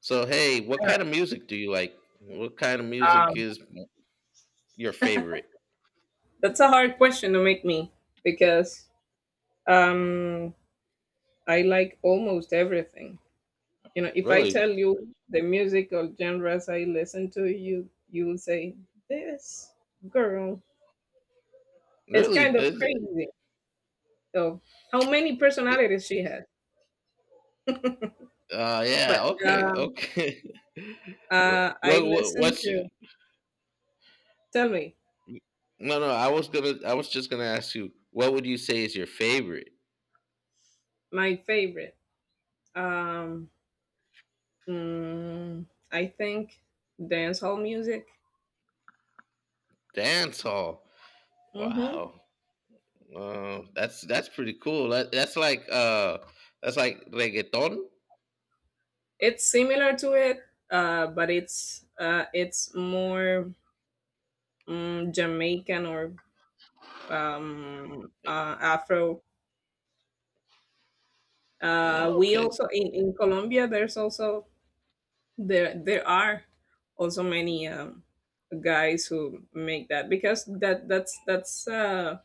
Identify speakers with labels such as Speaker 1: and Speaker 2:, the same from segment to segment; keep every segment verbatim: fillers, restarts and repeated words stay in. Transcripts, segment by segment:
Speaker 1: So, hey, what kind of music do you like? What kind of music
Speaker 2: Um,
Speaker 1: is your favorite?
Speaker 2: that's a hard question to make me because um, I like almost everything. You know, if I tell
Speaker 1: Really?
Speaker 2: you the musical genres I listen to, you you will say this girl is
Speaker 1: Really?
Speaker 2: kind of
Speaker 1: Is it-
Speaker 2: crazy. So how many
Speaker 1: it-
Speaker 2: personalities she has?
Speaker 1: Uh, yeah.
Speaker 2: But
Speaker 1: Okay.
Speaker 2: uh,
Speaker 1: Okay.
Speaker 2: uh, I
Speaker 1: what, what?
Speaker 2: listen
Speaker 1: What's?
Speaker 2: to.
Speaker 1: your-
Speaker 2: Tell me
Speaker 1: No, no. I was gonna. I was just gonna ask you. What would you say is your favorite
Speaker 2: my favorite. Um, mm, I think dancehall music.
Speaker 1: dance hall?
Speaker 2: Mhm.
Speaker 1: Wow. Uh, that's that's pretty cool. That, that's like uh, that's like reggaeton.
Speaker 2: It's similar to it, uh, but it's uh, it's more mm, Jamaican or um, uh, Afro. Uh,
Speaker 1: Oh,
Speaker 2: we
Speaker 1: okay.
Speaker 2: also in, in Colombia. There's also there there are also many um, guys who make that because that that's that's uh,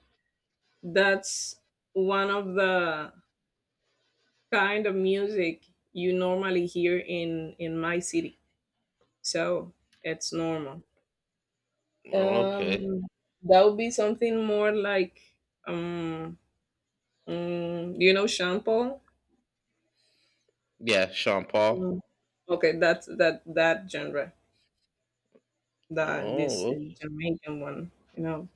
Speaker 2: that's one of the kind of music you normally hear in in my city. So it's normal.
Speaker 1: Oh, okay.
Speaker 2: Um, that would be something more like, um, mm, you know, Sean.
Speaker 1: Yeah, Sean
Speaker 2: Mm.
Speaker 1: Paul.
Speaker 2: Okay, that's that that genre, that this
Speaker 1: Oh,
Speaker 2: uh,
Speaker 1: okay.
Speaker 2: Jamaican one, you know.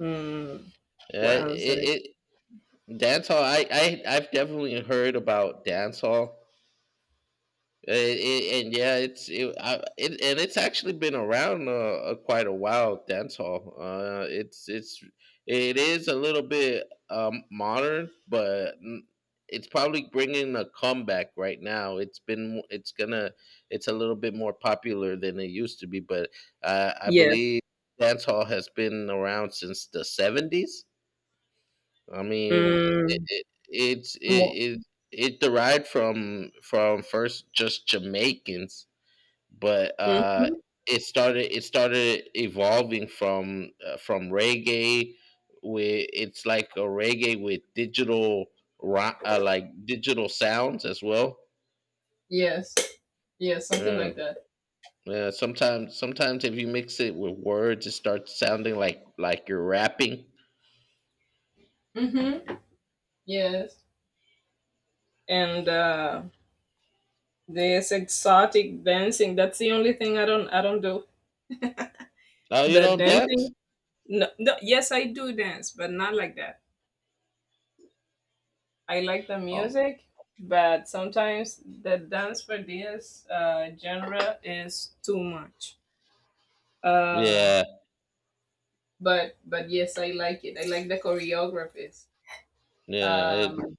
Speaker 2: Mm,
Speaker 1: Yeah.
Speaker 2: what
Speaker 1: It,
Speaker 2: else that is?
Speaker 1: it dancehall, I, I I've definitely heard about dancehall. Uh, it, and yeah, it's it, I, it and it's actually been around uh, uh, quite a while. Dancehall, uh, it's it's it is a little bit um, modern, but n- it's probably bringing a comeback right now. It's been it's gonna It's a little bit more popular than it used to be, but uh, I
Speaker 2: Yes.
Speaker 1: believe dancehall has been around since the seventies. I mean, it,
Speaker 2: Mm,
Speaker 1: it it's it,
Speaker 2: mo-
Speaker 1: it it derived from from first just Jamaicans, but uh,
Speaker 2: mhm.
Speaker 1: it started it started evolving from uh, from reggae. With it's like a reggae with digital ro- uh, like digital sounds as well.
Speaker 2: Yes. Yes, something
Speaker 1: Yeah,
Speaker 2: like that.
Speaker 1: yeah. Sometimes sometimes if you mix it with words, it starts sounding like like you're rapping.
Speaker 2: Hmm. Yes. And uh, this exotic dancing, that's the only thing I don't I don't do.
Speaker 1: Oh, you
Speaker 2: The
Speaker 1: don't dance?
Speaker 2: dancing. No, no, yes, I do dance, but not like that. I like the
Speaker 1: Oh,
Speaker 2: music, but sometimes the dance for this uh, genre is too much. Uh,
Speaker 1: yeah.
Speaker 2: but but yes, I like it. I like the choreographies
Speaker 1: Yeah, It
Speaker 2: um,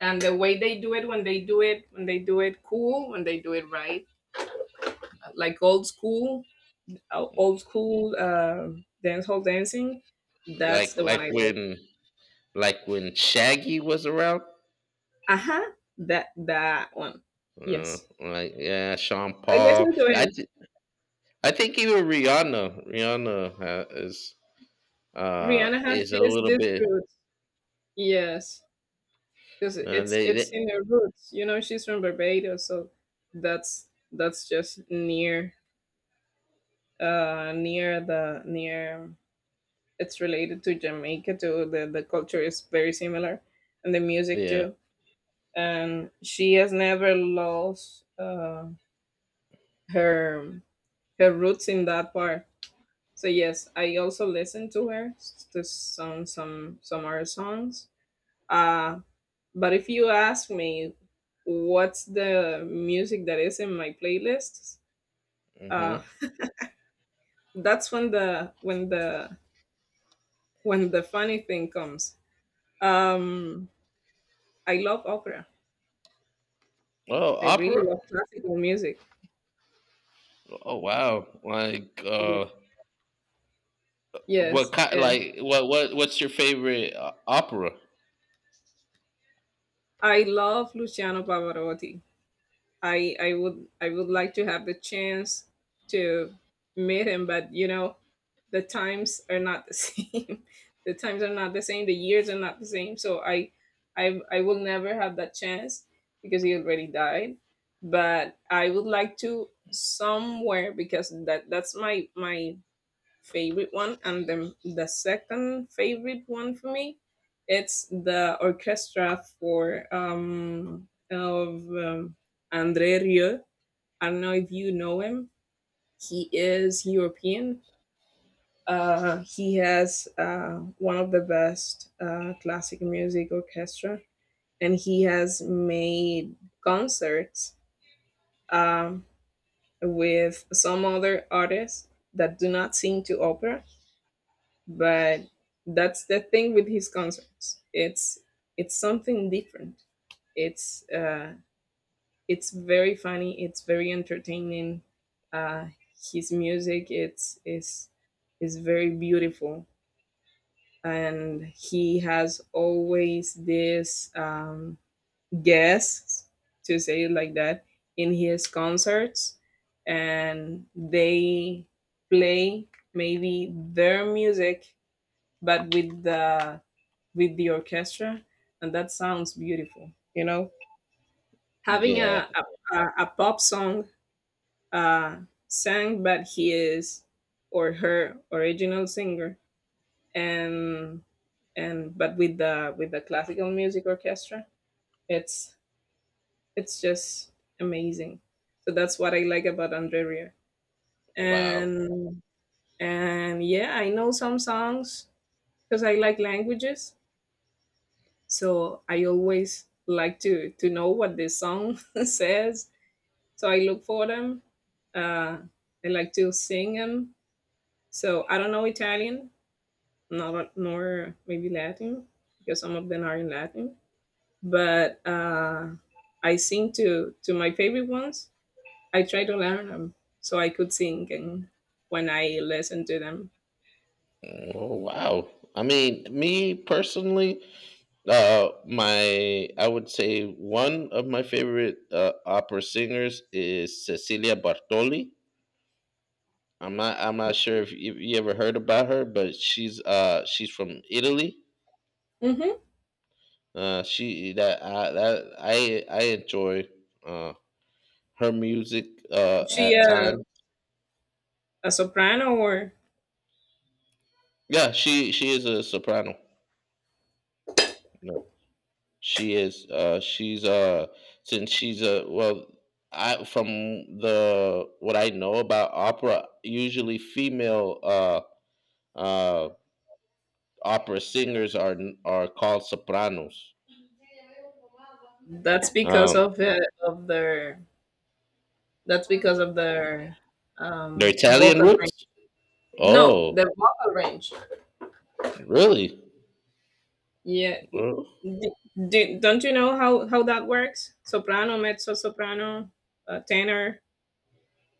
Speaker 2: and the way they do it when they do it when they do it cool when they do it right, like old school, uh, old school uh, dance hall dancing. That's
Speaker 1: like
Speaker 2: the one
Speaker 1: like
Speaker 2: I like.
Speaker 1: when like when Shaggy was around.
Speaker 2: Uh huh. That that one.
Speaker 1: Uh,
Speaker 2: Yes,
Speaker 1: like yeah, Sean
Speaker 2: I
Speaker 1: Paul.
Speaker 2: listen to
Speaker 1: I
Speaker 2: him.
Speaker 1: th- I think even Rihanna Rihanna uh, is uh
Speaker 2: Rihanna has
Speaker 1: is a
Speaker 2: this
Speaker 1: little
Speaker 2: this
Speaker 1: bit,
Speaker 2: root. Yes, because
Speaker 1: uh,
Speaker 2: it's
Speaker 1: they, they
Speaker 2: it's in her roots. You know, she's from Barbados, so that's that's just near uh near the near it's related to Jamaica too. The the culture is very similar and the music
Speaker 1: yeah.
Speaker 2: too. And she has never lost uh her her roots in that part. So yes, I also listen to her s- to some some some of her songs. Uh But if you ask me what's the music that is in my playlists, uh,
Speaker 1: Hmm.
Speaker 2: that's when the when the when the funny thing comes. Um, I love opera.
Speaker 1: Oh,
Speaker 2: I really
Speaker 1: opera.
Speaker 2: love classical music.
Speaker 1: Oh wow. Like
Speaker 2: Yes,
Speaker 1: uh, what
Speaker 2: yes.
Speaker 1: kind?
Speaker 2: eh,
Speaker 1: Like what what what's your favorite uh, opera?
Speaker 2: I love Luciano Pavarotti. I I would I would like to have the chance to meet him, but you know, the times are not the same. The times are not the same. The years are not the same. So I I I will never have that chance because he already died. But I would like to somewhere because that that's my my favorite one, and the the second favorite one for me, it's the orchestra for um of um, André Rieu. I don't know if you know him. He is European. Uh, he has uh, one of the best uh, classic music orchestra, and he has made concerts um, with some other artists that do not sing to opera, but that's the thing with his concerts. It's it's something different. It's uh it's very funny. It's very entertaining. uh his music it's is is very beautiful, and he has always this um guests, to say it like that, in his concerts, and they play maybe their music, but with the with the orchestra, and that sounds beautiful, you know, having
Speaker 1: Yeah.
Speaker 2: a a, a- pop song uh sang, but he is, or her original singer, and and but with the with the classical music orchestra, it's it's just amazing. So that's what I like about Andrea.
Speaker 1: Wow.
Speaker 2: And and yeah, I know some songs because I like languages. So I always like to to know what the song says. So I look for them. Uh, I like to sing them. So I don't know Italian, nor nor maybe Latin, because some of them are in Latin. But uh, I sing to to my favorite ones. I try to learn them so I could sing and when I listen to them.
Speaker 1: Oh wow. I mean, me personally, Uh, my I would say one of my favorite uh, opera singers is Cecilia Bartoli. I'm not I'm not sure if you, you ever heard about her, but she's uh she's from Italy.
Speaker 2: Hmm.
Speaker 1: Uh, she that I that I I enjoy uh her music
Speaker 2: Is
Speaker 1: uh
Speaker 2: she
Speaker 1: at
Speaker 2: a,
Speaker 1: time.
Speaker 2: a soprano, or
Speaker 1: Yeah, she she is a soprano. She is. Uh, she's uh since she's a well, I from the what I know about opera, usually female uh uh opera singers are are called sopranos.
Speaker 2: that's because
Speaker 1: Um,
Speaker 2: of the, of their. That's because of their
Speaker 1: their
Speaker 2: um
Speaker 1: Italian
Speaker 2: vocal range.
Speaker 1: roots?
Speaker 2: No,
Speaker 1: Oh,
Speaker 2: the vocal range.
Speaker 1: really?
Speaker 2: Yeah.
Speaker 1: Oh.
Speaker 2: Do, do, don't you know how how that works? Soprano, mezzo soprano, uh, tenor.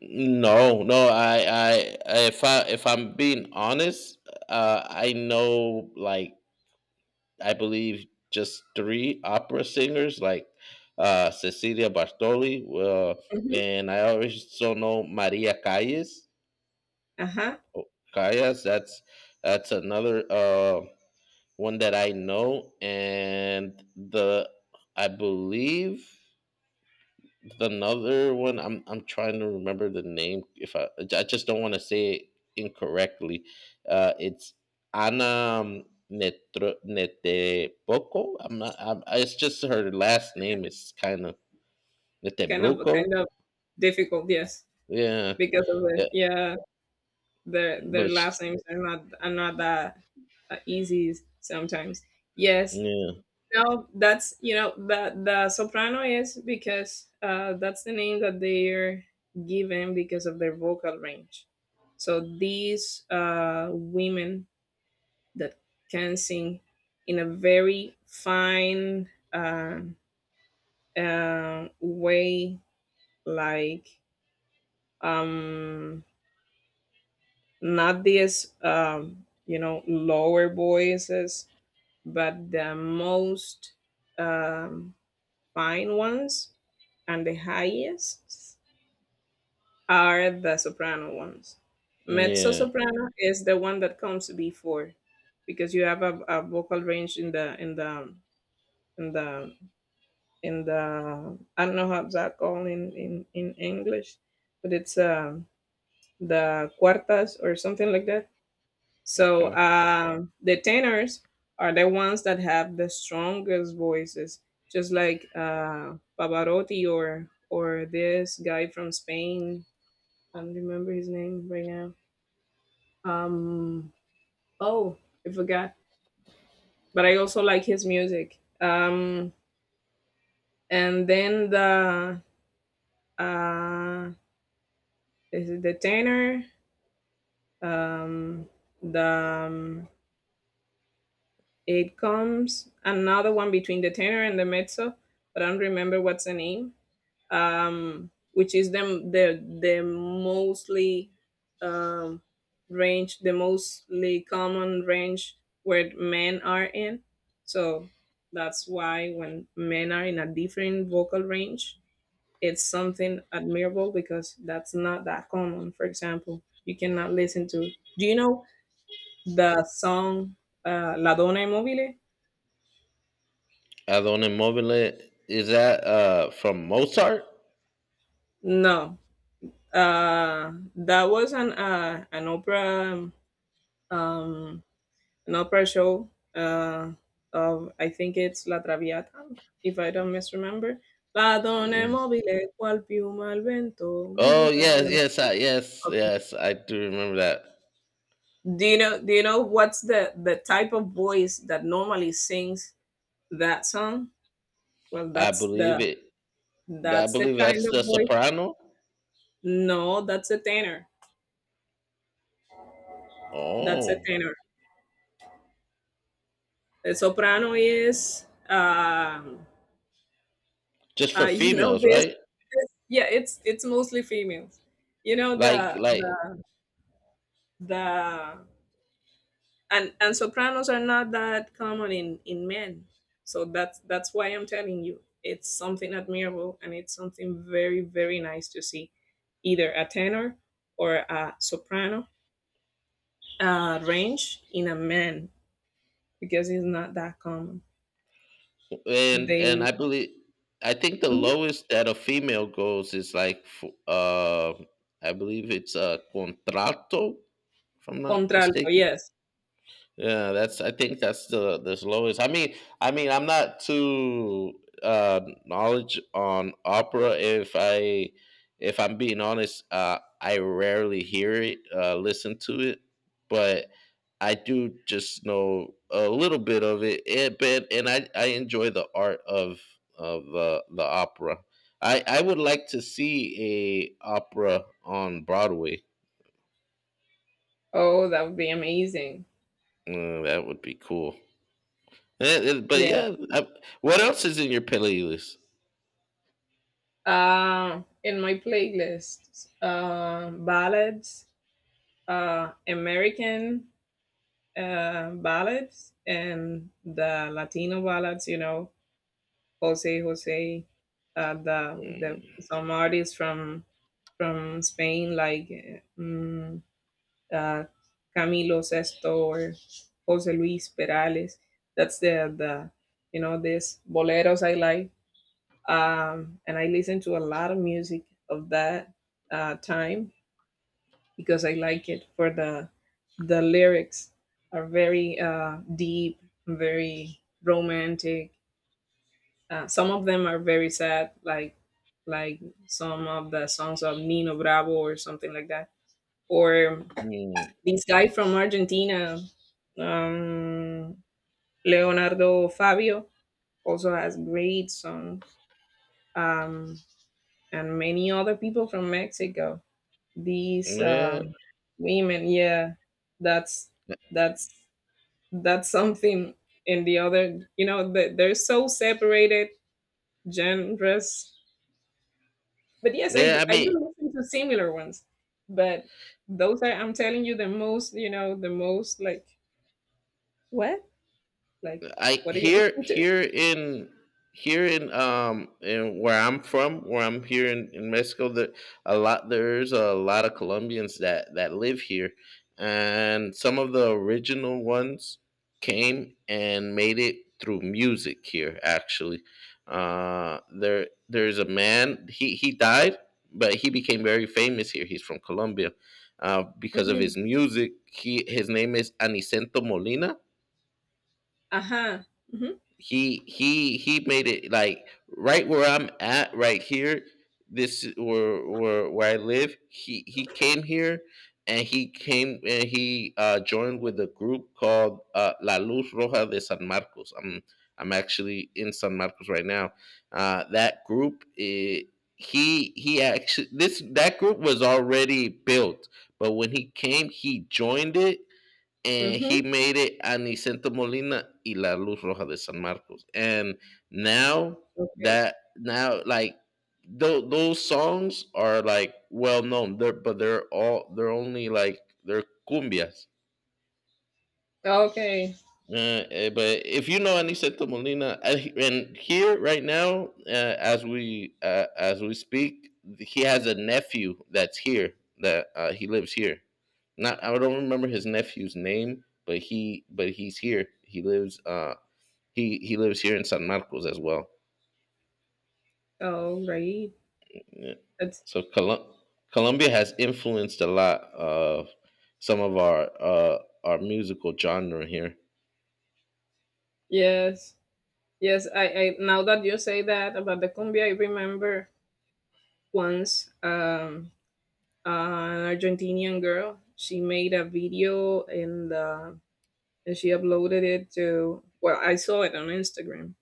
Speaker 1: No, no. I, I, I- if I, if I'm being honest, uh, I know like I believe just three opera singers like uh, Cecilia Bartoli, uh,
Speaker 2: Hmm.
Speaker 1: and I also know Maria Callas.
Speaker 2: Uh-huh.
Speaker 1: Callas, that's that's another uh, one that I know, and the I believe another one, i'm I'm trying to remember the name. If I I just don't want to say it incorrectly. Uh it's Anna Netro, Neteboko. I'm not. I'm, it's just her last name is kind of
Speaker 2: Kind of
Speaker 1: Netebroco.
Speaker 2: kind of difficult, yes,
Speaker 1: Yeah,
Speaker 2: because of the
Speaker 1: yeah.
Speaker 2: yeah, their their
Speaker 1: But sh-
Speaker 2: last names are not are not that uh, easy sometimes. Yes.
Speaker 1: yeah,
Speaker 2: No, that's you know, the the soprano is because uh, that's the name that they're given because of their vocal range. So these uh, women that can sing in a very fine uh, uh, way, like um, not these um, you know, lower voices, but the most um, fine ones, and the highest are the soprano ones. Mezzo
Speaker 1: yeah.
Speaker 2: soprano is the one that comes before, because you have a, a vocal range in the in the in the in the I don't know how that called in in in English, but it's um the cuartas or something like that. So
Speaker 1: Okay.
Speaker 2: uh, the tenors are the ones that have the strongest voices, just like uh, Pavarotti or or this guy from Spain. I don't remember his name right now. Um, oh, I forgot. But I also like his music. Um, and then the uh, is it the tenor? Um, the um, It comes another one between the tenor and the mezzo, but I don't remember what's the name. Um, which is them the the mostly um, range, the mostly common range where men are in. So that's why when men are in a different vocal range, it's something admirable because that's not that common. For example, you cannot listen to. Do you know the song uh, "La Donna Immobile"?
Speaker 1: Adone Mobile, is that uh from Mozart?
Speaker 2: No, uh, that wasn't uh, an opera, um, an opera show uh, of, I think it's La Traviata, if I don't misremember. La donna è
Speaker 1: Mm.
Speaker 2: mobile, qual piuma al vento
Speaker 1: Oh
Speaker 2: muta.
Speaker 1: yes,
Speaker 2: de-
Speaker 1: yes, I, yes,
Speaker 2: Okay.
Speaker 1: yes. I do remember that.
Speaker 2: Do you know? Do you know what's the the type of voice that normally sings that song? Well,
Speaker 1: I
Speaker 2: that's the
Speaker 1: believe it I
Speaker 2: that's the
Speaker 1: believe
Speaker 2: kind
Speaker 1: that's
Speaker 2: of
Speaker 1: the
Speaker 2: voice.
Speaker 1: soprano.
Speaker 2: No, that's a tenor. That's a
Speaker 1: Oh,
Speaker 2: tenor. The soprano is. Um,
Speaker 1: just
Speaker 2: Uh,
Speaker 1: for
Speaker 2: you know
Speaker 1: females,
Speaker 2: this,
Speaker 1: right?
Speaker 2: this. Yeah, it's it's mostly females. You know
Speaker 1: Like,
Speaker 2: the
Speaker 1: like,
Speaker 2: the the and and sopranos are not that common in in men. So that's that's why I'm telling you it's something admirable and it's something very very nice to see, either a tenor or a soprano uh, range in a man because it's not that common.
Speaker 1: and
Speaker 2: They
Speaker 1: and I believe, I think the
Speaker 2: Mhm.
Speaker 1: lowest that a female goes is like, f- uh, I believe it's a contralto, if I'm not
Speaker 2: Contralto,
Speaker 1: mistaken.
Speaker 2: yes.
Speaker 1: Yeah, that's. I think that's the the lowest. I mean, I mean, I'm not too uh, knowledge on opera. If I, if I'm being honest, uh, I rarely hear it, uh, listen to it, but I do just know a little bit of it. It but And I I enjoy the art of of the the opera. I I would like to see a opera on Broadway.
Speaker 2: Oh, that would be amazing.
Speaker 1: Mm, that would be cool. Eh, eh, But
Speaker 2: Yeah.
Speaker 1: yeah, I- what else is in your playlist?
Speaker 2: Uh, in my playlist, uh, ballads, uh, American uh, ballads, and the Latino ballads. You know, Jose Jose, uh, the the
Speaker 1: Mm,
Speaker 2: some artists from from Spain like um, uh, Camilo Sesto or Jose Luis Perales. That's the the you know, these boleros I like. Um, and I listen to a lot of music of that uh, time because I like it for the the lyrics are very uh, deep, very romantic. Uh, some of them are very sad, like like some of the songs of Nino Bravo or something like that, or
Speaker 1: mm,
Speaker 2: this guy from Argentina, um, Leonardo Fabio, also has great songs. Um, and many other people from Mexico. These
Speaker 1: yeah,
Speaker 2: um, women, yeah, that's that's that's something. And the other, you know, the, they're so separated genres. But yes, I
Speaker 1: yeah.
Speaker 2: do,
Speaker 1: I
Speaker 2: I do
Speaker 1: mean,
Speaker 2: listen to similar ones, but those are, I'm telling you, the most, you know, the most like what, like
Speaker 1: I
Speaker 2: what do you
Speaker 1: here
Speaker 2: listen to?
Speaker 1: here in here in um in where I'm from, where I'm here in, in Mexico, there a lot there's a lot of Colombians that that live here, and some of the original ones came and made it through music here. Actually, uh, there there's a man. He he died, but he became very famous here. He's from Colombia. Uh, because of
Speaker 2: Hmm.
Speaker 1: his music, he his name is Anicento Molina.
Speaker 2: Uh huh. Mm-hmm.
Speaker 1: He he he made it like right where I'm at right here. This is where where, where I live. He he came here, and he came and he uh, joined with a group called uh, La Luz Roja de San Marcos. I'm I'm actually in San Marcos right now. Uh, that group, eh, he he actually this that group was already built, but when he came he joined it, and
Speaker 2: Mm-hmm.
Speaker 1: he made it at Molina y La Luz Roja de San Marcos. And now
Speaker 2: Okay.
Speaker 1: that now like tho- those songs are like well known. They're but they're all, they're only like they're cumbias.
Speaker 2: Okay.
Speaker 1: Uh, eh, but if you know Aniseta Molina, uh, he- and here right now, uh, as we uh, as we speak, he has a nephew that's here that uh, he lives here. Not I don't remember his nephew's name, but he but he's here. He lives uh he he lives here in San Marcos as well.
Speaker 2: All right.
Speaker 1: Yeah.
Speaker 2: That's
Speaker 1: So Colum- Colombia has influenced a lot of some of our uh our musical genre here.
Speaker 2: yes. Yes, I, I now that you say that about the cumbia, I remember once, um, an Argentinian girl. She made a video and uh, and she uploaded it to. Well, I saw it on Instagram.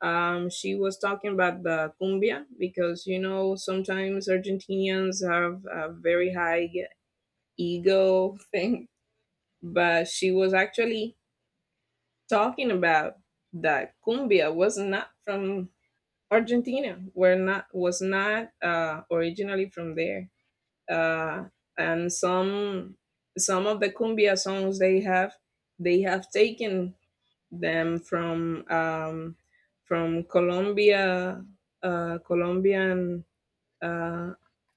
Speaker 2: Um, she was talking about the cumbia because you know sometimes Argentinians have a very high ego thing, but she was actually talking about that cumbia was not from Argentina, were not was not uh, originally from there, uh, and some some of the cumbia songs they have they have taken them from um, from Colombia, uh, Colombian uh,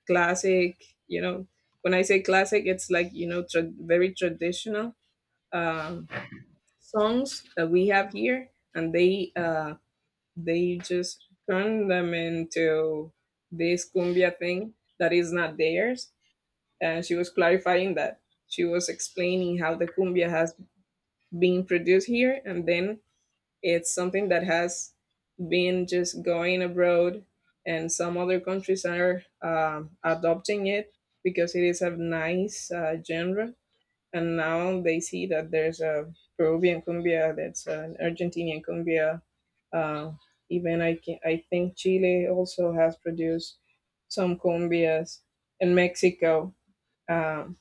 Speaker 2: classic. You know, when I say classic, it's like you know tra- very traditional um, songs that we have here, and they. Uh, they just turned them into this cumbia thing that is not theirs. And she was clarifying that. She was explaining how the cumbia has been produced here, and then it's something that has been just going abroad, and some other countries are um, adopting it because it is a nice uh, genre, and now they see that there's a Peruvian cumbia, that's an Argentinian cumbia. Uh, Even I can, I think Chile also has produced some cumbias, and Mexico, um,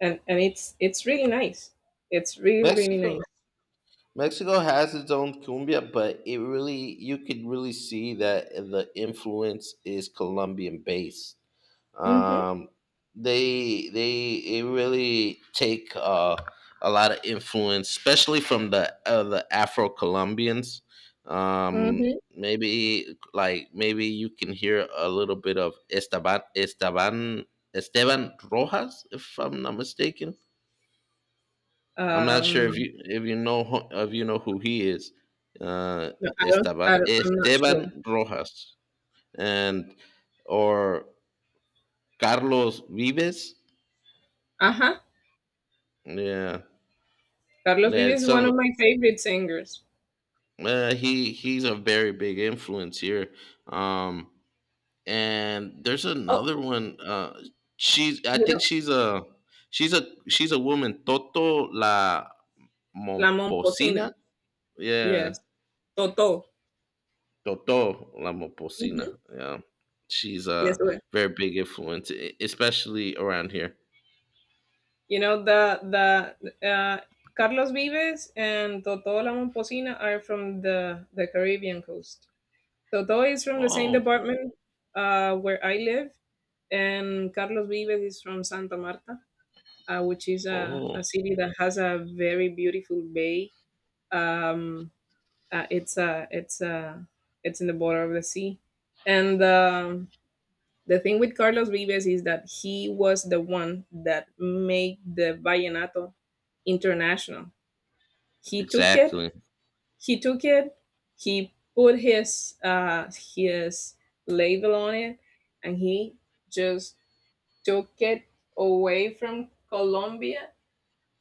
Speaker 2: and and it's it's really nice. It's really really nice.
Speaker 1: Mexico Mexico has its own cumbia, but it really you could really see that the influence is Colombian based.
Speaker 2: Mm-hmm.
Speaker 1: Um, they they it really take uh, a lot of influence, especially from the uh, the Afro Colombians. Um,
Speaker 2: Mm-hmm.
Speaker 1: maybe like maybe you can hear a little bit of Esteban Esteban Esteban Rojas, if I'm not mistaken. I'm not sure
Speaker 2: Um,
Speaker 1: if you if you know who- if you know who he is. Uh,
Speaker 2: no, I don't, I
Speaker 1: Estaba,
Speaker 2: don't. I'm not sure.
Speaker 1: Esteban Rojas, and or Carlos Vives.
Speaker 2: Uh huh.
Speaker 1: Yeah,
Speaker 2: Carlos
Speaker 1: yeah.
Speaker 2: Vives is one
Speaker 1: Some
Speaker 2: of my favorite singers.
Speaker 1: uh, he he's a very big influence here. Um, and there's
Speaker 2: Oh,
Speaker 1: another one. Uh, she's I
Speaker 2: you
Speaker 1: think
Speaker 2: know
Speaker 1: she's a she's a she's a woman. Toto La
Speaker 2: La Momposina.
Speaker 1: Momposina. Yeah.
Speaker 2: Yes. Toto.
Speaker 1: Toto la Lamopoussina.
Speaker 2: Mm-hmm.
Speaker 1: Yeah, she's
Speaker 2: Yes.
Speaker 1: a very big influence, e- especially around here.
Speaker 2: You know, the the uh, Carlos Vives and Toto La Momposina are from the the Caribbean coast. Toto is from the same
Speaker 1: Oh,
Speaker 2: department uh, where I live, and Carlos Vives is from Santa Marta, uh, which is a,
Speaker 1: oh,
Speaker 2: a city that has a very beautiful bay. Um, uh, it's a it's a it's in the border of the sea, and um, the thing with Carlos Vives is that he was the one that made the vallenato international. He took it,
Speaker 1: exactly.
Speaker 2: he took it, he put his uh, his label on it, and he just took it away from Colombia,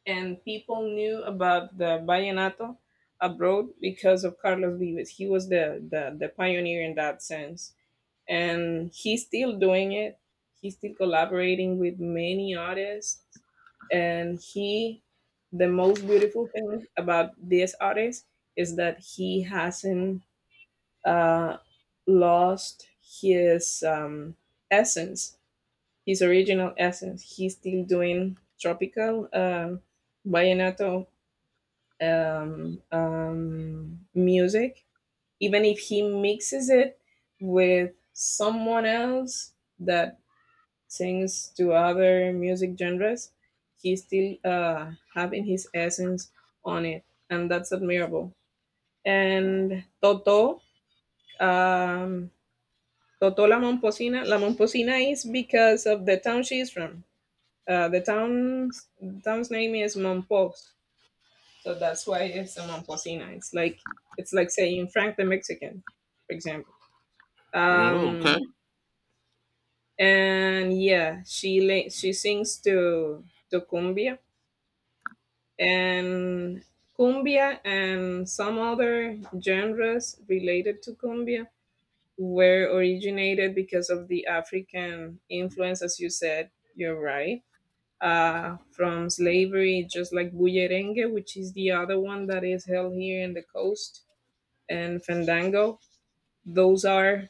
Speaker 2: and people knew about the vallenato abroad because of Carlos Vives. He was the the, the pioneer in that sense, and he's still doing it. He's still collaborating with many artists, and he, the most beautiful thing about this artist is that he hasn't uh, lost his um, essence, his original essence. He's still doing tropical uh, vallenato um, um, music. Even if he mixes it with someone else that sings to other music genres, he still uh, having his essence on it, and that's admirable. And Toto, um, Toto La Momposina, La Momposina is because of the town she's from. Uh, the town's town's name is Mompos, so that's why it's a Momposina. It's like it's like saying Frank the Mexican, for example.
Speaker 1: Oh,
Speaker 2: Um,
Speaker 1: okay.
Speaker 2: and yeah, she la- she sings to to cumbia and cumbia, and some other genres related to cumbia were originated because of the African influence, as you said. You're right. Uh, from slavery, just like bullerengue, which is the other one that is held here in the coast, and fandango. Those are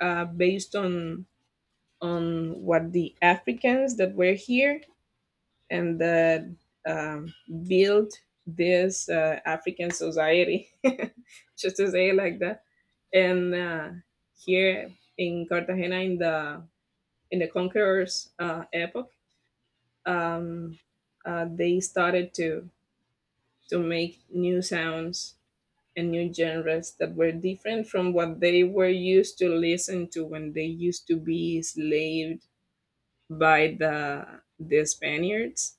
Speaker 2: uh, based on on what the Africans that were here and that um, built this uh, African society, just to say it like that. And uh, here in Cartagena, in the in the conquerors' uh, epoch, um, uh, they started to to make new sounds and new genres that were different from what they were used to listen to when they used to be enslaved by the the Spaniards,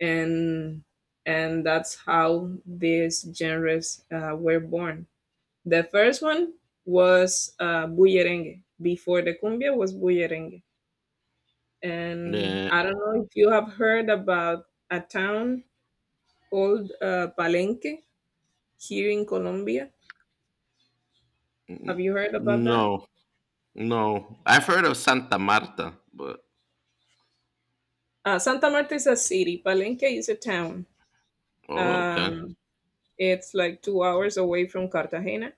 Speaker 2: and and that's how these genres uh, were born. The first one was uh, bullerengue. Before the cumbia was bullerengue, and
Speaker 1: Yeah.
Speaker 2: I don't know if you have heard about a town called uh, Palenque here in Colombia. Have
Speaker 1: N-
Speaker 2: you heard about that?
Speaker 1: No, no. I've heard of Santa Marta, but
Speaker 2: Uh, Santa Marta is a city. Palenque is a town.
Speaker 1: oh, okay.
Speaker 2: Um, it's like two hours away from Cartagena,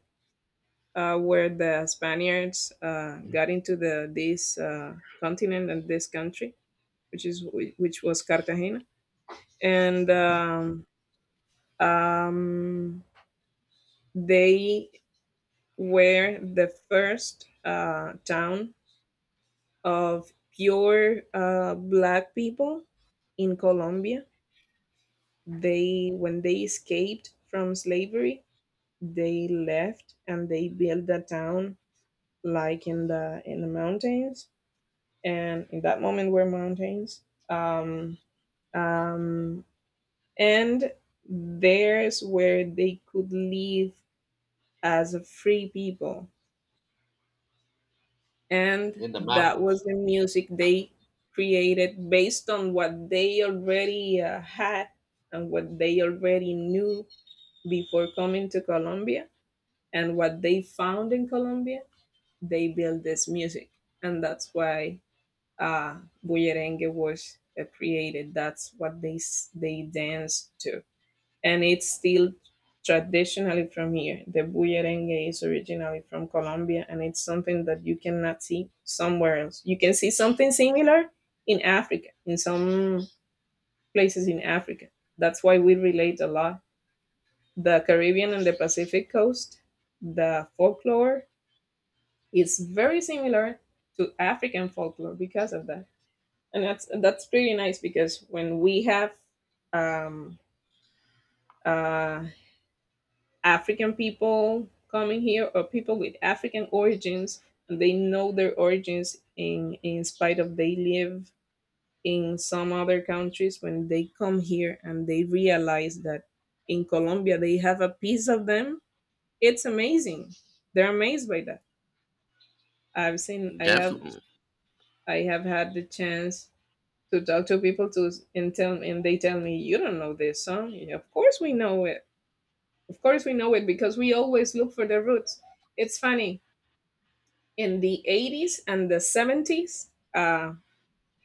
Speaker 2: uh, where the Spaniards uh, got into the this uh, continent and this country, which is which was Cartagena, and um, um, they were the first uh, town of pure uh, black people in Colombia. They, when they escaped from slavery, they left and they built a town like in the in the mountains, and in that moment were mountains. Um, um, and there's where they could live as a free people. And
Speaker 1: In the
Speaker 2: that was
Speaker 1: mountains.
Speaker 2: the music they created based on what they already uh, had and what they already knew before coming to Colombia and what they found in Colombia. They built this music. And that's why uh, bullerengue was uh, created. That's what they they dance to, and it's still traditionally from here. The bullerengue is originally from Colombia, and it's something that you cannot see somewhere else. You can see something similar in Africa, in some places in Africa. That's why we relate a lot. The Caribbean and the Pacific coast, the folklore is very similar to African folklore because of that, and that's and that's pretty nice, because when we have um, uh, African people coming here, or people with African origins, and they know their origins, in in spite of they live in some other countries, when they come here and they realize that in Colombia they have a piece of them, it's amazing. They're amazed by that. I've seen I have
Speaker 1: Definitely.
Speaker 2: I have had the chance to talk to people, to and tell, and they tell me, you don't know this song. You know, of course we know it, of course we know it, because we always look for the roots. It's funny, in the eighties and the seventies, uh,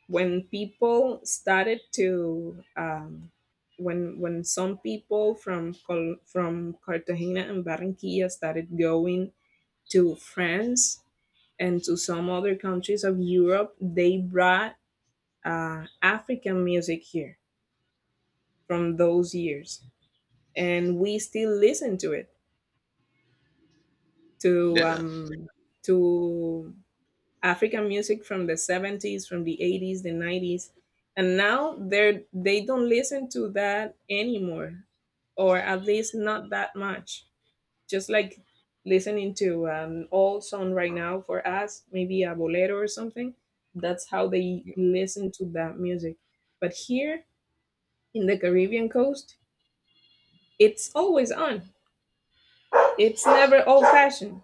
Speaker 2: when people started to um, when when some people from Col- from Cartagena and Barranquilla started going to France and to some other countries of Europe, they brought uh, African music here from those years, and we still listen to it, to
Speaker 1: Yeah.
Speaker 2: um, to African music from the seventies, from the eighties, the nineties, and now they're they don't listen to that anymore, or at least not that much. Just like listening to an old song right now for us, maybe a bolero or something. That's how they listen to that music. But here in the Caribbean coast, it's always on. It's never old-fashioned.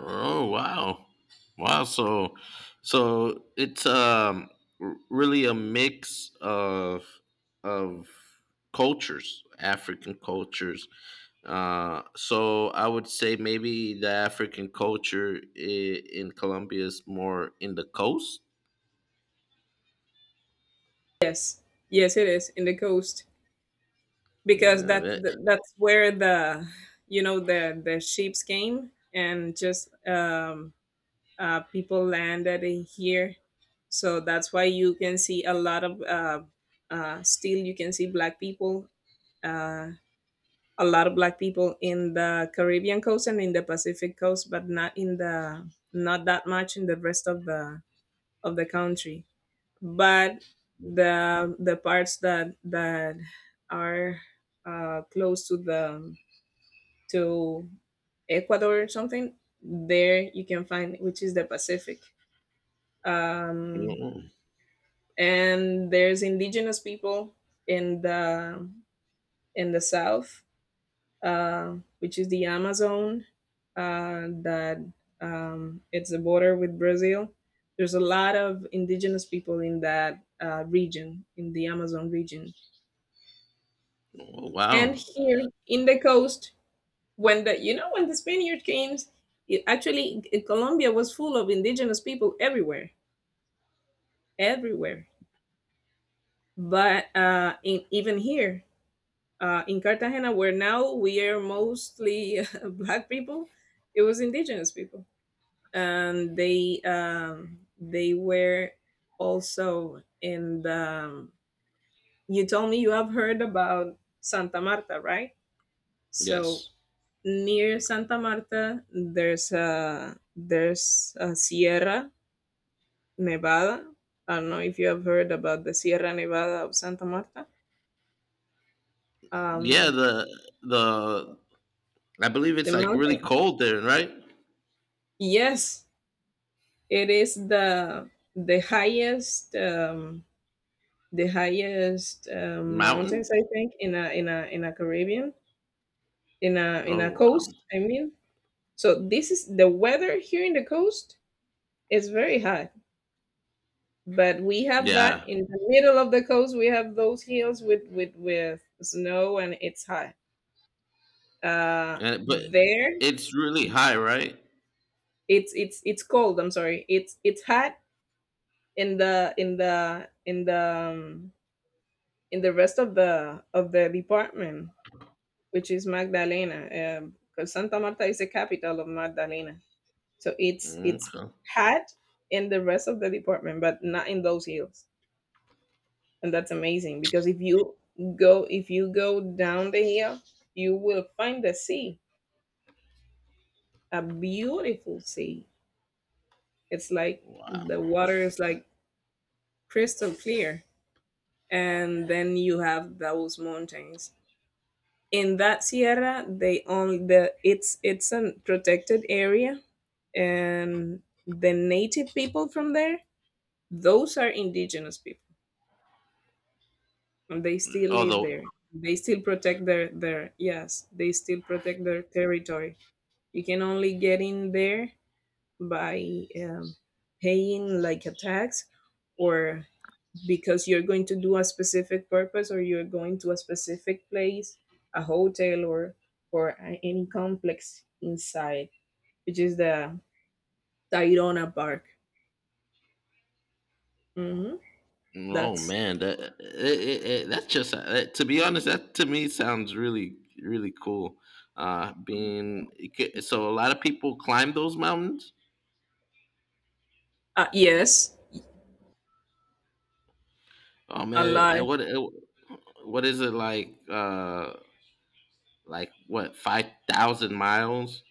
Speaker 1: Oh wow, wow! So, so it's um r- really a mix of of cultures, African cultures. Uh, so I would say maybe the African culture i- in Colombia is more in the coast.
Speaker 2: Yes, yes, it is in the coast, because
Speaker 1: Yeah.
Speaker 2: that,
Speaker 1: That,
Speaker 2: that that's where the, you know, the the ships came and just um, uh, people landed in here, so that's why you can see a lot of uh, uh, still you can see black people, uh, a lot of black people in the Caribbean coast and in the Pacific coast, but not in the, not that much in the rest of the of the country. But the the parts that that are uh, close to the to Ecuador or something, there you can find, which is the Pacific. Um,
Speaker 1: Mm,
Speaker 2: and there's indigenous people in the in the south, uh, which is the Amazon, uh, that um, it's the border with Brazil. There's a lot of indigenous people in that uh, region, in the Amazon region.
Speaker 1: oh,
Speaker 2: And
Speaker 1: wow.
Speaker 2: here in the coast, when the, you know, when the Spaniard came, it actually in Colombia was full of indigenous people everywhere, everywhere. But uh, in, even here uh, in Cartagena, where now we are mostly black people, it was indigenous people. And they um, they were also in the. Um, You told me you have heard about Santa Marta, right? So
Speaker 1: Yes.
Speaker 2: near Santa Marta, there's a there's a Sierra Nevada. I don't know if you have heard about the Sierra Nevada of Santa Marta.
Speaker 1: Yeah.
Speaker 2: Um,
Speaker 1: The the, I believe
Speaker 2: the
Speaker 1: it's like really
Speaker 2: mountain.
Speaker 1: cold there, right?
Speaker 2: Yes, it is the the highest um, the highest uh, mountains,
Speaker 1: Mountain.
Speaker 2: I think, in a in a in a Caribbean, in a in a
Speaker 1: Oh wow.
Speaker 2: coast, I mean. So this is the weather here in the coast is very hot, but we have that
Speaker 1: Yeah.
Speaker 2: in the middle of the coast. We have those hills with with with snow, and it's hot. Uh,
Speaker 1: Uh, but
Speaker 2: there,
Speaker 1: it's really high, right?
Speaker 2: it's it's it's cold. I'm sorry, it's it's hot in the in the in the um, in the rest of the of the department, which is Magdalena, um, because Santa Marta is the capital of Magdalena. So it's it's
Speaker 1: Okay.
Speaker 2: had in the rest of the department, but not in those hills, and that's amazing because if you go if you go down the hill, you will find the sea, a beautiful sea. It's like
Speaker 1: Wow.
Speaker 2: the water is like crystal clear, and then you have those mountains. In that sierra, they only the it's it's a protected area, and the native people from there, those are indigenous people, and they still live there.
Speaker 1: Although,
Speaker 2: They still protect their their Yes, they still protect their territory. You can only get in there by um, paying like a tax, or because you're going to do a specific purpose, or you're going to a specific place, a hotel or or a- any complex inside, which is the Tayrona park. Hmm.
Speaker 1: oh
Speaker 2: That's.
Speaker 1: man, that it, it, it, that's just uh, to be honest. That to me sounds really really cool. Uh, being it could- so, a lot of people climb those mountains.
Speaker 2: Uh, yes,
Speaker 1: Oh
Speaker 2: a
Speaker 1: man, uh,
Speaker 2: lot.
Speaker 1: what uh, what is it like? Uh, like what, five thousand miles?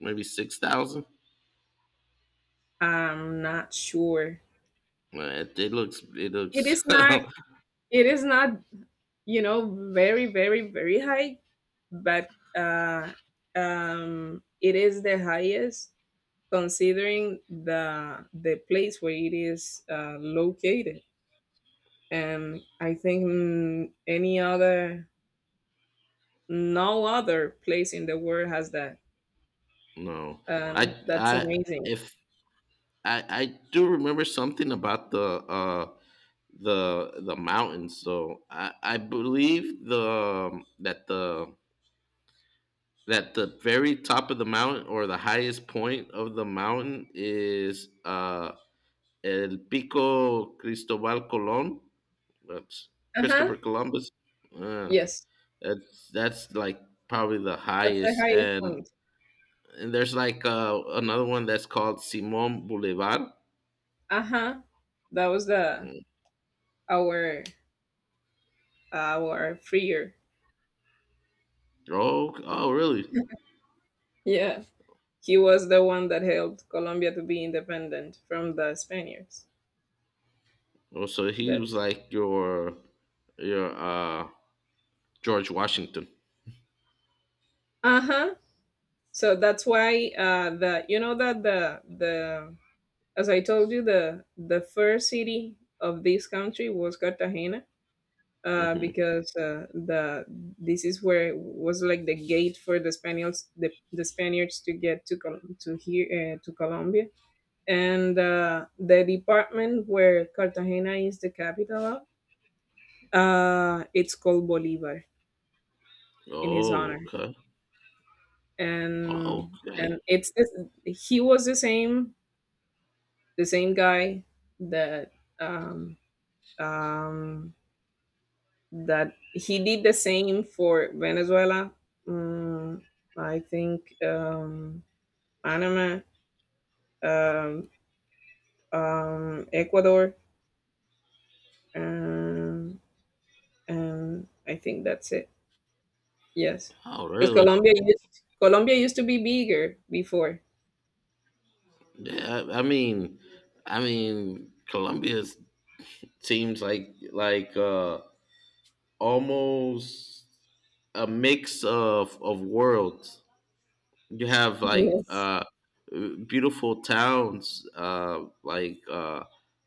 Speaker 1: Maybe six thousand.
Speaker 2: I'm not sure.
Speaker 1: Well, It, it looks it
Speaker 2: It
Speaker 1: looks.
Speaker 2: is not. It is not. You know, very, very, very high, but uh, um, it is the highest considering the the place where it is uh, located. And I think, mm, any other, no other place in the world has that.
Speaker 1: No, I
Speaker 2: Um, that's
Speaker 1: I
Speaker 2: amazing.
Speaker 1: if I I do remember something about the uh the the mountains. So I I believe the um, that the that the very top of the mountain or the highest point of the mountain is uh El Pico Cristobal Colon. That's
Speaker 2: Uh huh.
Speaker 1: Christopher Columbus. Uh,
Speaker 2: Yes,
Speaker 1: that's that's like probably the
Speaker 2: that's the
Speaker 1: highest,
Speaker 2: highest
Speaker 1: and
Speaker 2: point.
Speaker 1: and there's like uh, another one that's called Simon Boulevard.
Speaker 2: Uh-huh. That was the,
Speaker 1: Mm.
Speaker 2: our our freer.
Speaker 1: Oh, oh, really?
Speaker 2: Yeah. He was the one that helped Colombia to be independent from the Spaniards.
Speaker 1: Oh, so he was
Speaker 2: That's
Speaker 1: like your your uh George Washington.
Speaker 2: uh huh. So that's why, uh, the you know that the the as I told you, the the first city of this country was Cartagena, uh,
Speaker 1: Hmm.
Speaker 2: because uh, the this is where it was like the gate for the Spaniards, the, the Spaniards to get to Col- to here, uh, to Colombia. And uh, the department where Cartagena is the capital of, uh, it's called Bolivar in his
Speaker 1: Oh,
Speaker 2: honor,
Speaker 1: okay. Oh,
Speaker 2: and
Speaker 1: okay.
Speaker 2: and it's this, he was the same, the same guy that um, um, that he did the same for Venezuela, mm, I think, um, Panama, um, um, Ecuador, um, and I think that's it. Yes,
Speaker 1: Oh,
Speaker 2: because
Speaker 1: really?
Speaker 2: Colombia used Colombia used to be bigger before.
Speaker 1: Yeah. I, I mean, I mean, Colombia seems like like uh almost a mix of of worlds. You have like
Speaker 2: Yes.
Speaker 1: uh beautiful towns, uh like uh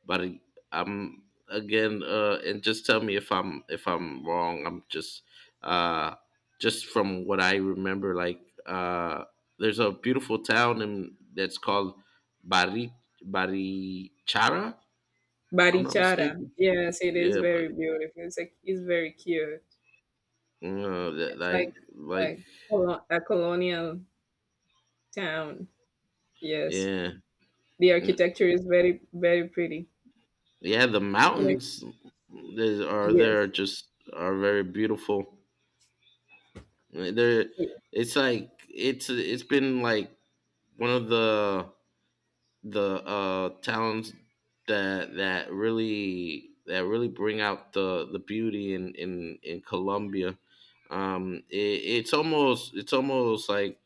Speaker 1: but I- I'm again, uh and just tell me if i'm if I'm wrong. I'm just uh just from what I remember, like uh there's a beautiful town in that's called bari Barichara, if I'm not
Speaker 2: Barichara.
Speaker 1: mistaken.
Speaker 2: Yes, it is
Speaker 1: Yeah,
Speaker 2: very
Speaker 1: buddy.
Speaker 2: beautiful. It's like it's very cute.
Speaker 1: uh, that-
Speaker 2: It's like
Speaker 1: like like
Speaker 2: a, colo- a colonial town. Yes.
Speaker 1: yeah,
Speaker 2: The architecture is very very pretty.
Speaker 1: Yeah, the
Speaker 2: You know,
Speaker 1: mountains is, are there,
Speaker 2: yes.
Speaker 1: just are very beautiful. They're
Speaker 2: Y-
Speaker 1: it's like it's it's been like one of the the uh towns that that really that really bring out the the beauty in in in Colombia. Um, it, it's almost it's almost like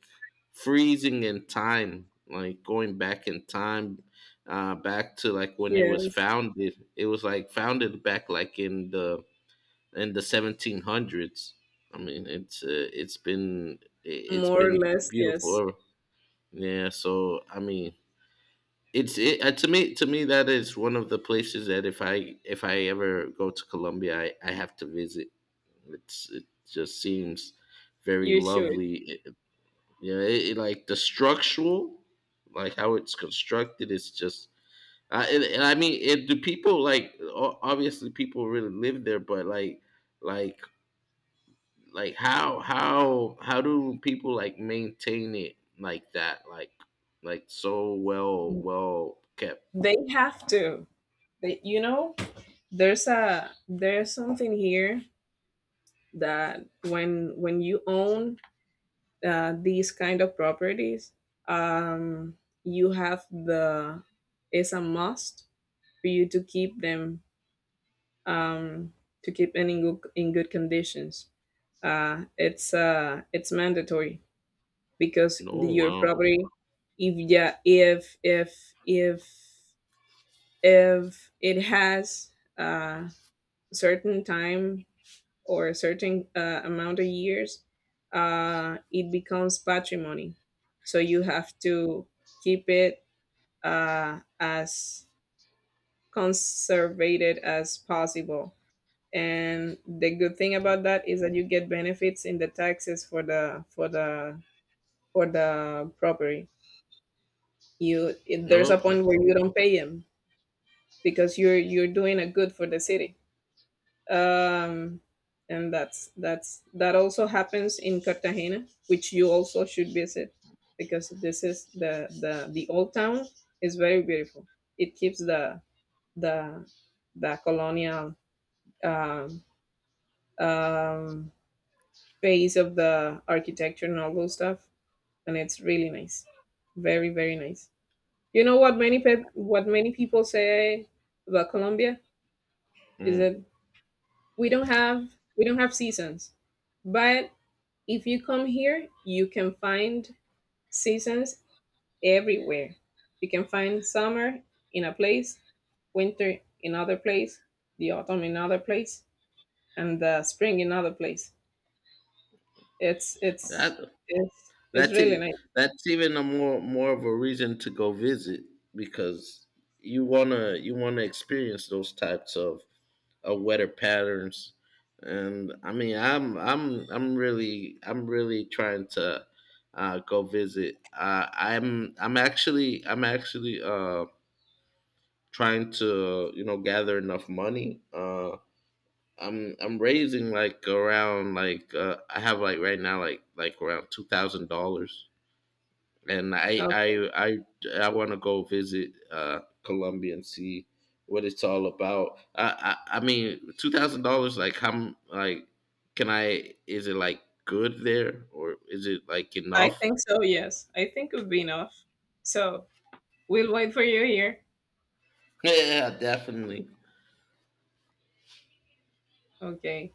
Speaker 1: freezing in time, like going back in time, uh, back to like when it was
Speaker 2: Yes.
Speaker 1: founded. It was like founded back like in the in the seventeen hundreds. I mean, it's uh, it's been it- has
Speaker 2: More or
Speaker 1: been
Speaker 2: less, yes.
Speaker 1: beautiful ever. Yeah, so I mean, it's it uh, to me to me that is one of the places that if i if I ever go to Colombia, i, I have to visit. It's it just seems very
Speaker 2: You should.
Speaker 1: lovely. It, it- yeah, it, it- like the structural, like how it's constructed, it's just— I, and, and I mean it, do people like, o- obviously people really live there, but like like like how how how do people like maintain it like that, like like so well well kept?
Speaker 2: They have to. They, you know, there's a there's something here that when when you own uh, these kind of properties, um, you have the, it's a must for you to keep them, um, to keep them in good, in good conditions. Uh, it's uh, it's mandatory, because the,
Speaker 1: Oh
Speaker 2: your
Speaker 1: wow!
Speaker 2: property, if yeah, if if if if it has a certain time, or a certain uh, amount of years, uh, it becomes patrimony. So you have to keep it uh, as conservated as possible. And the good thing about that is that you get benefits in the taxes for the for the for the property. You it,
Speaker 1: I
Speaker 2: there's a
Speaker 1: love
Speaker 2: point where you don't pay them, because you're you're doing a good for the city. Um, and that's that's that also happens in Cartagena, which you also should visit, because this is the, the the old town is very beautiful. It keeps the, the the colonial um, um, phase of the architecture and all those stuff, and it's really nice, very very nice. You know what many pe- what many people say about Colombia is
Speaker 1: mm.
Speaker 2: that we don't have we don't have seasons, but if you come here, you can find seasons everywhere. You can find summer in a place, winter in other place, the autumn in other place, and the spring in other place. It's
Speaker 1: that.
Speaker 2: it's it's it's
Speaker 1: That's
Speaker 2: really
Speaker 1: e-
Speaker 2: nice.
Speaker 1: that's even a more more of a reason to go visit, because you wanna you wanna experience those types of uh, weather patterns. And I mean, I'm I'm I'm really I'm really trying to uh, go visit. Uh, I'm I'm actually I'm actually uh, trying to you know gather enough money. Uh, I'm I'm raising like around, like uh, I have like right now like like around two thousand dollars, and I I
Speaker 2: Okay.
Speaker 1: I I want to go visit uh, Colombia and see what it's all about. I I, I mean, two thousand dollars, like how m- like can I, is it like good there, or is it like
Speaker 2: I
Speaker 1: enough?
Speaker 2: think so, yes. I think it would be enough. So we'll wait for you here.
Speaker 1: Yeah, definitely.
Speaker 2: Okay.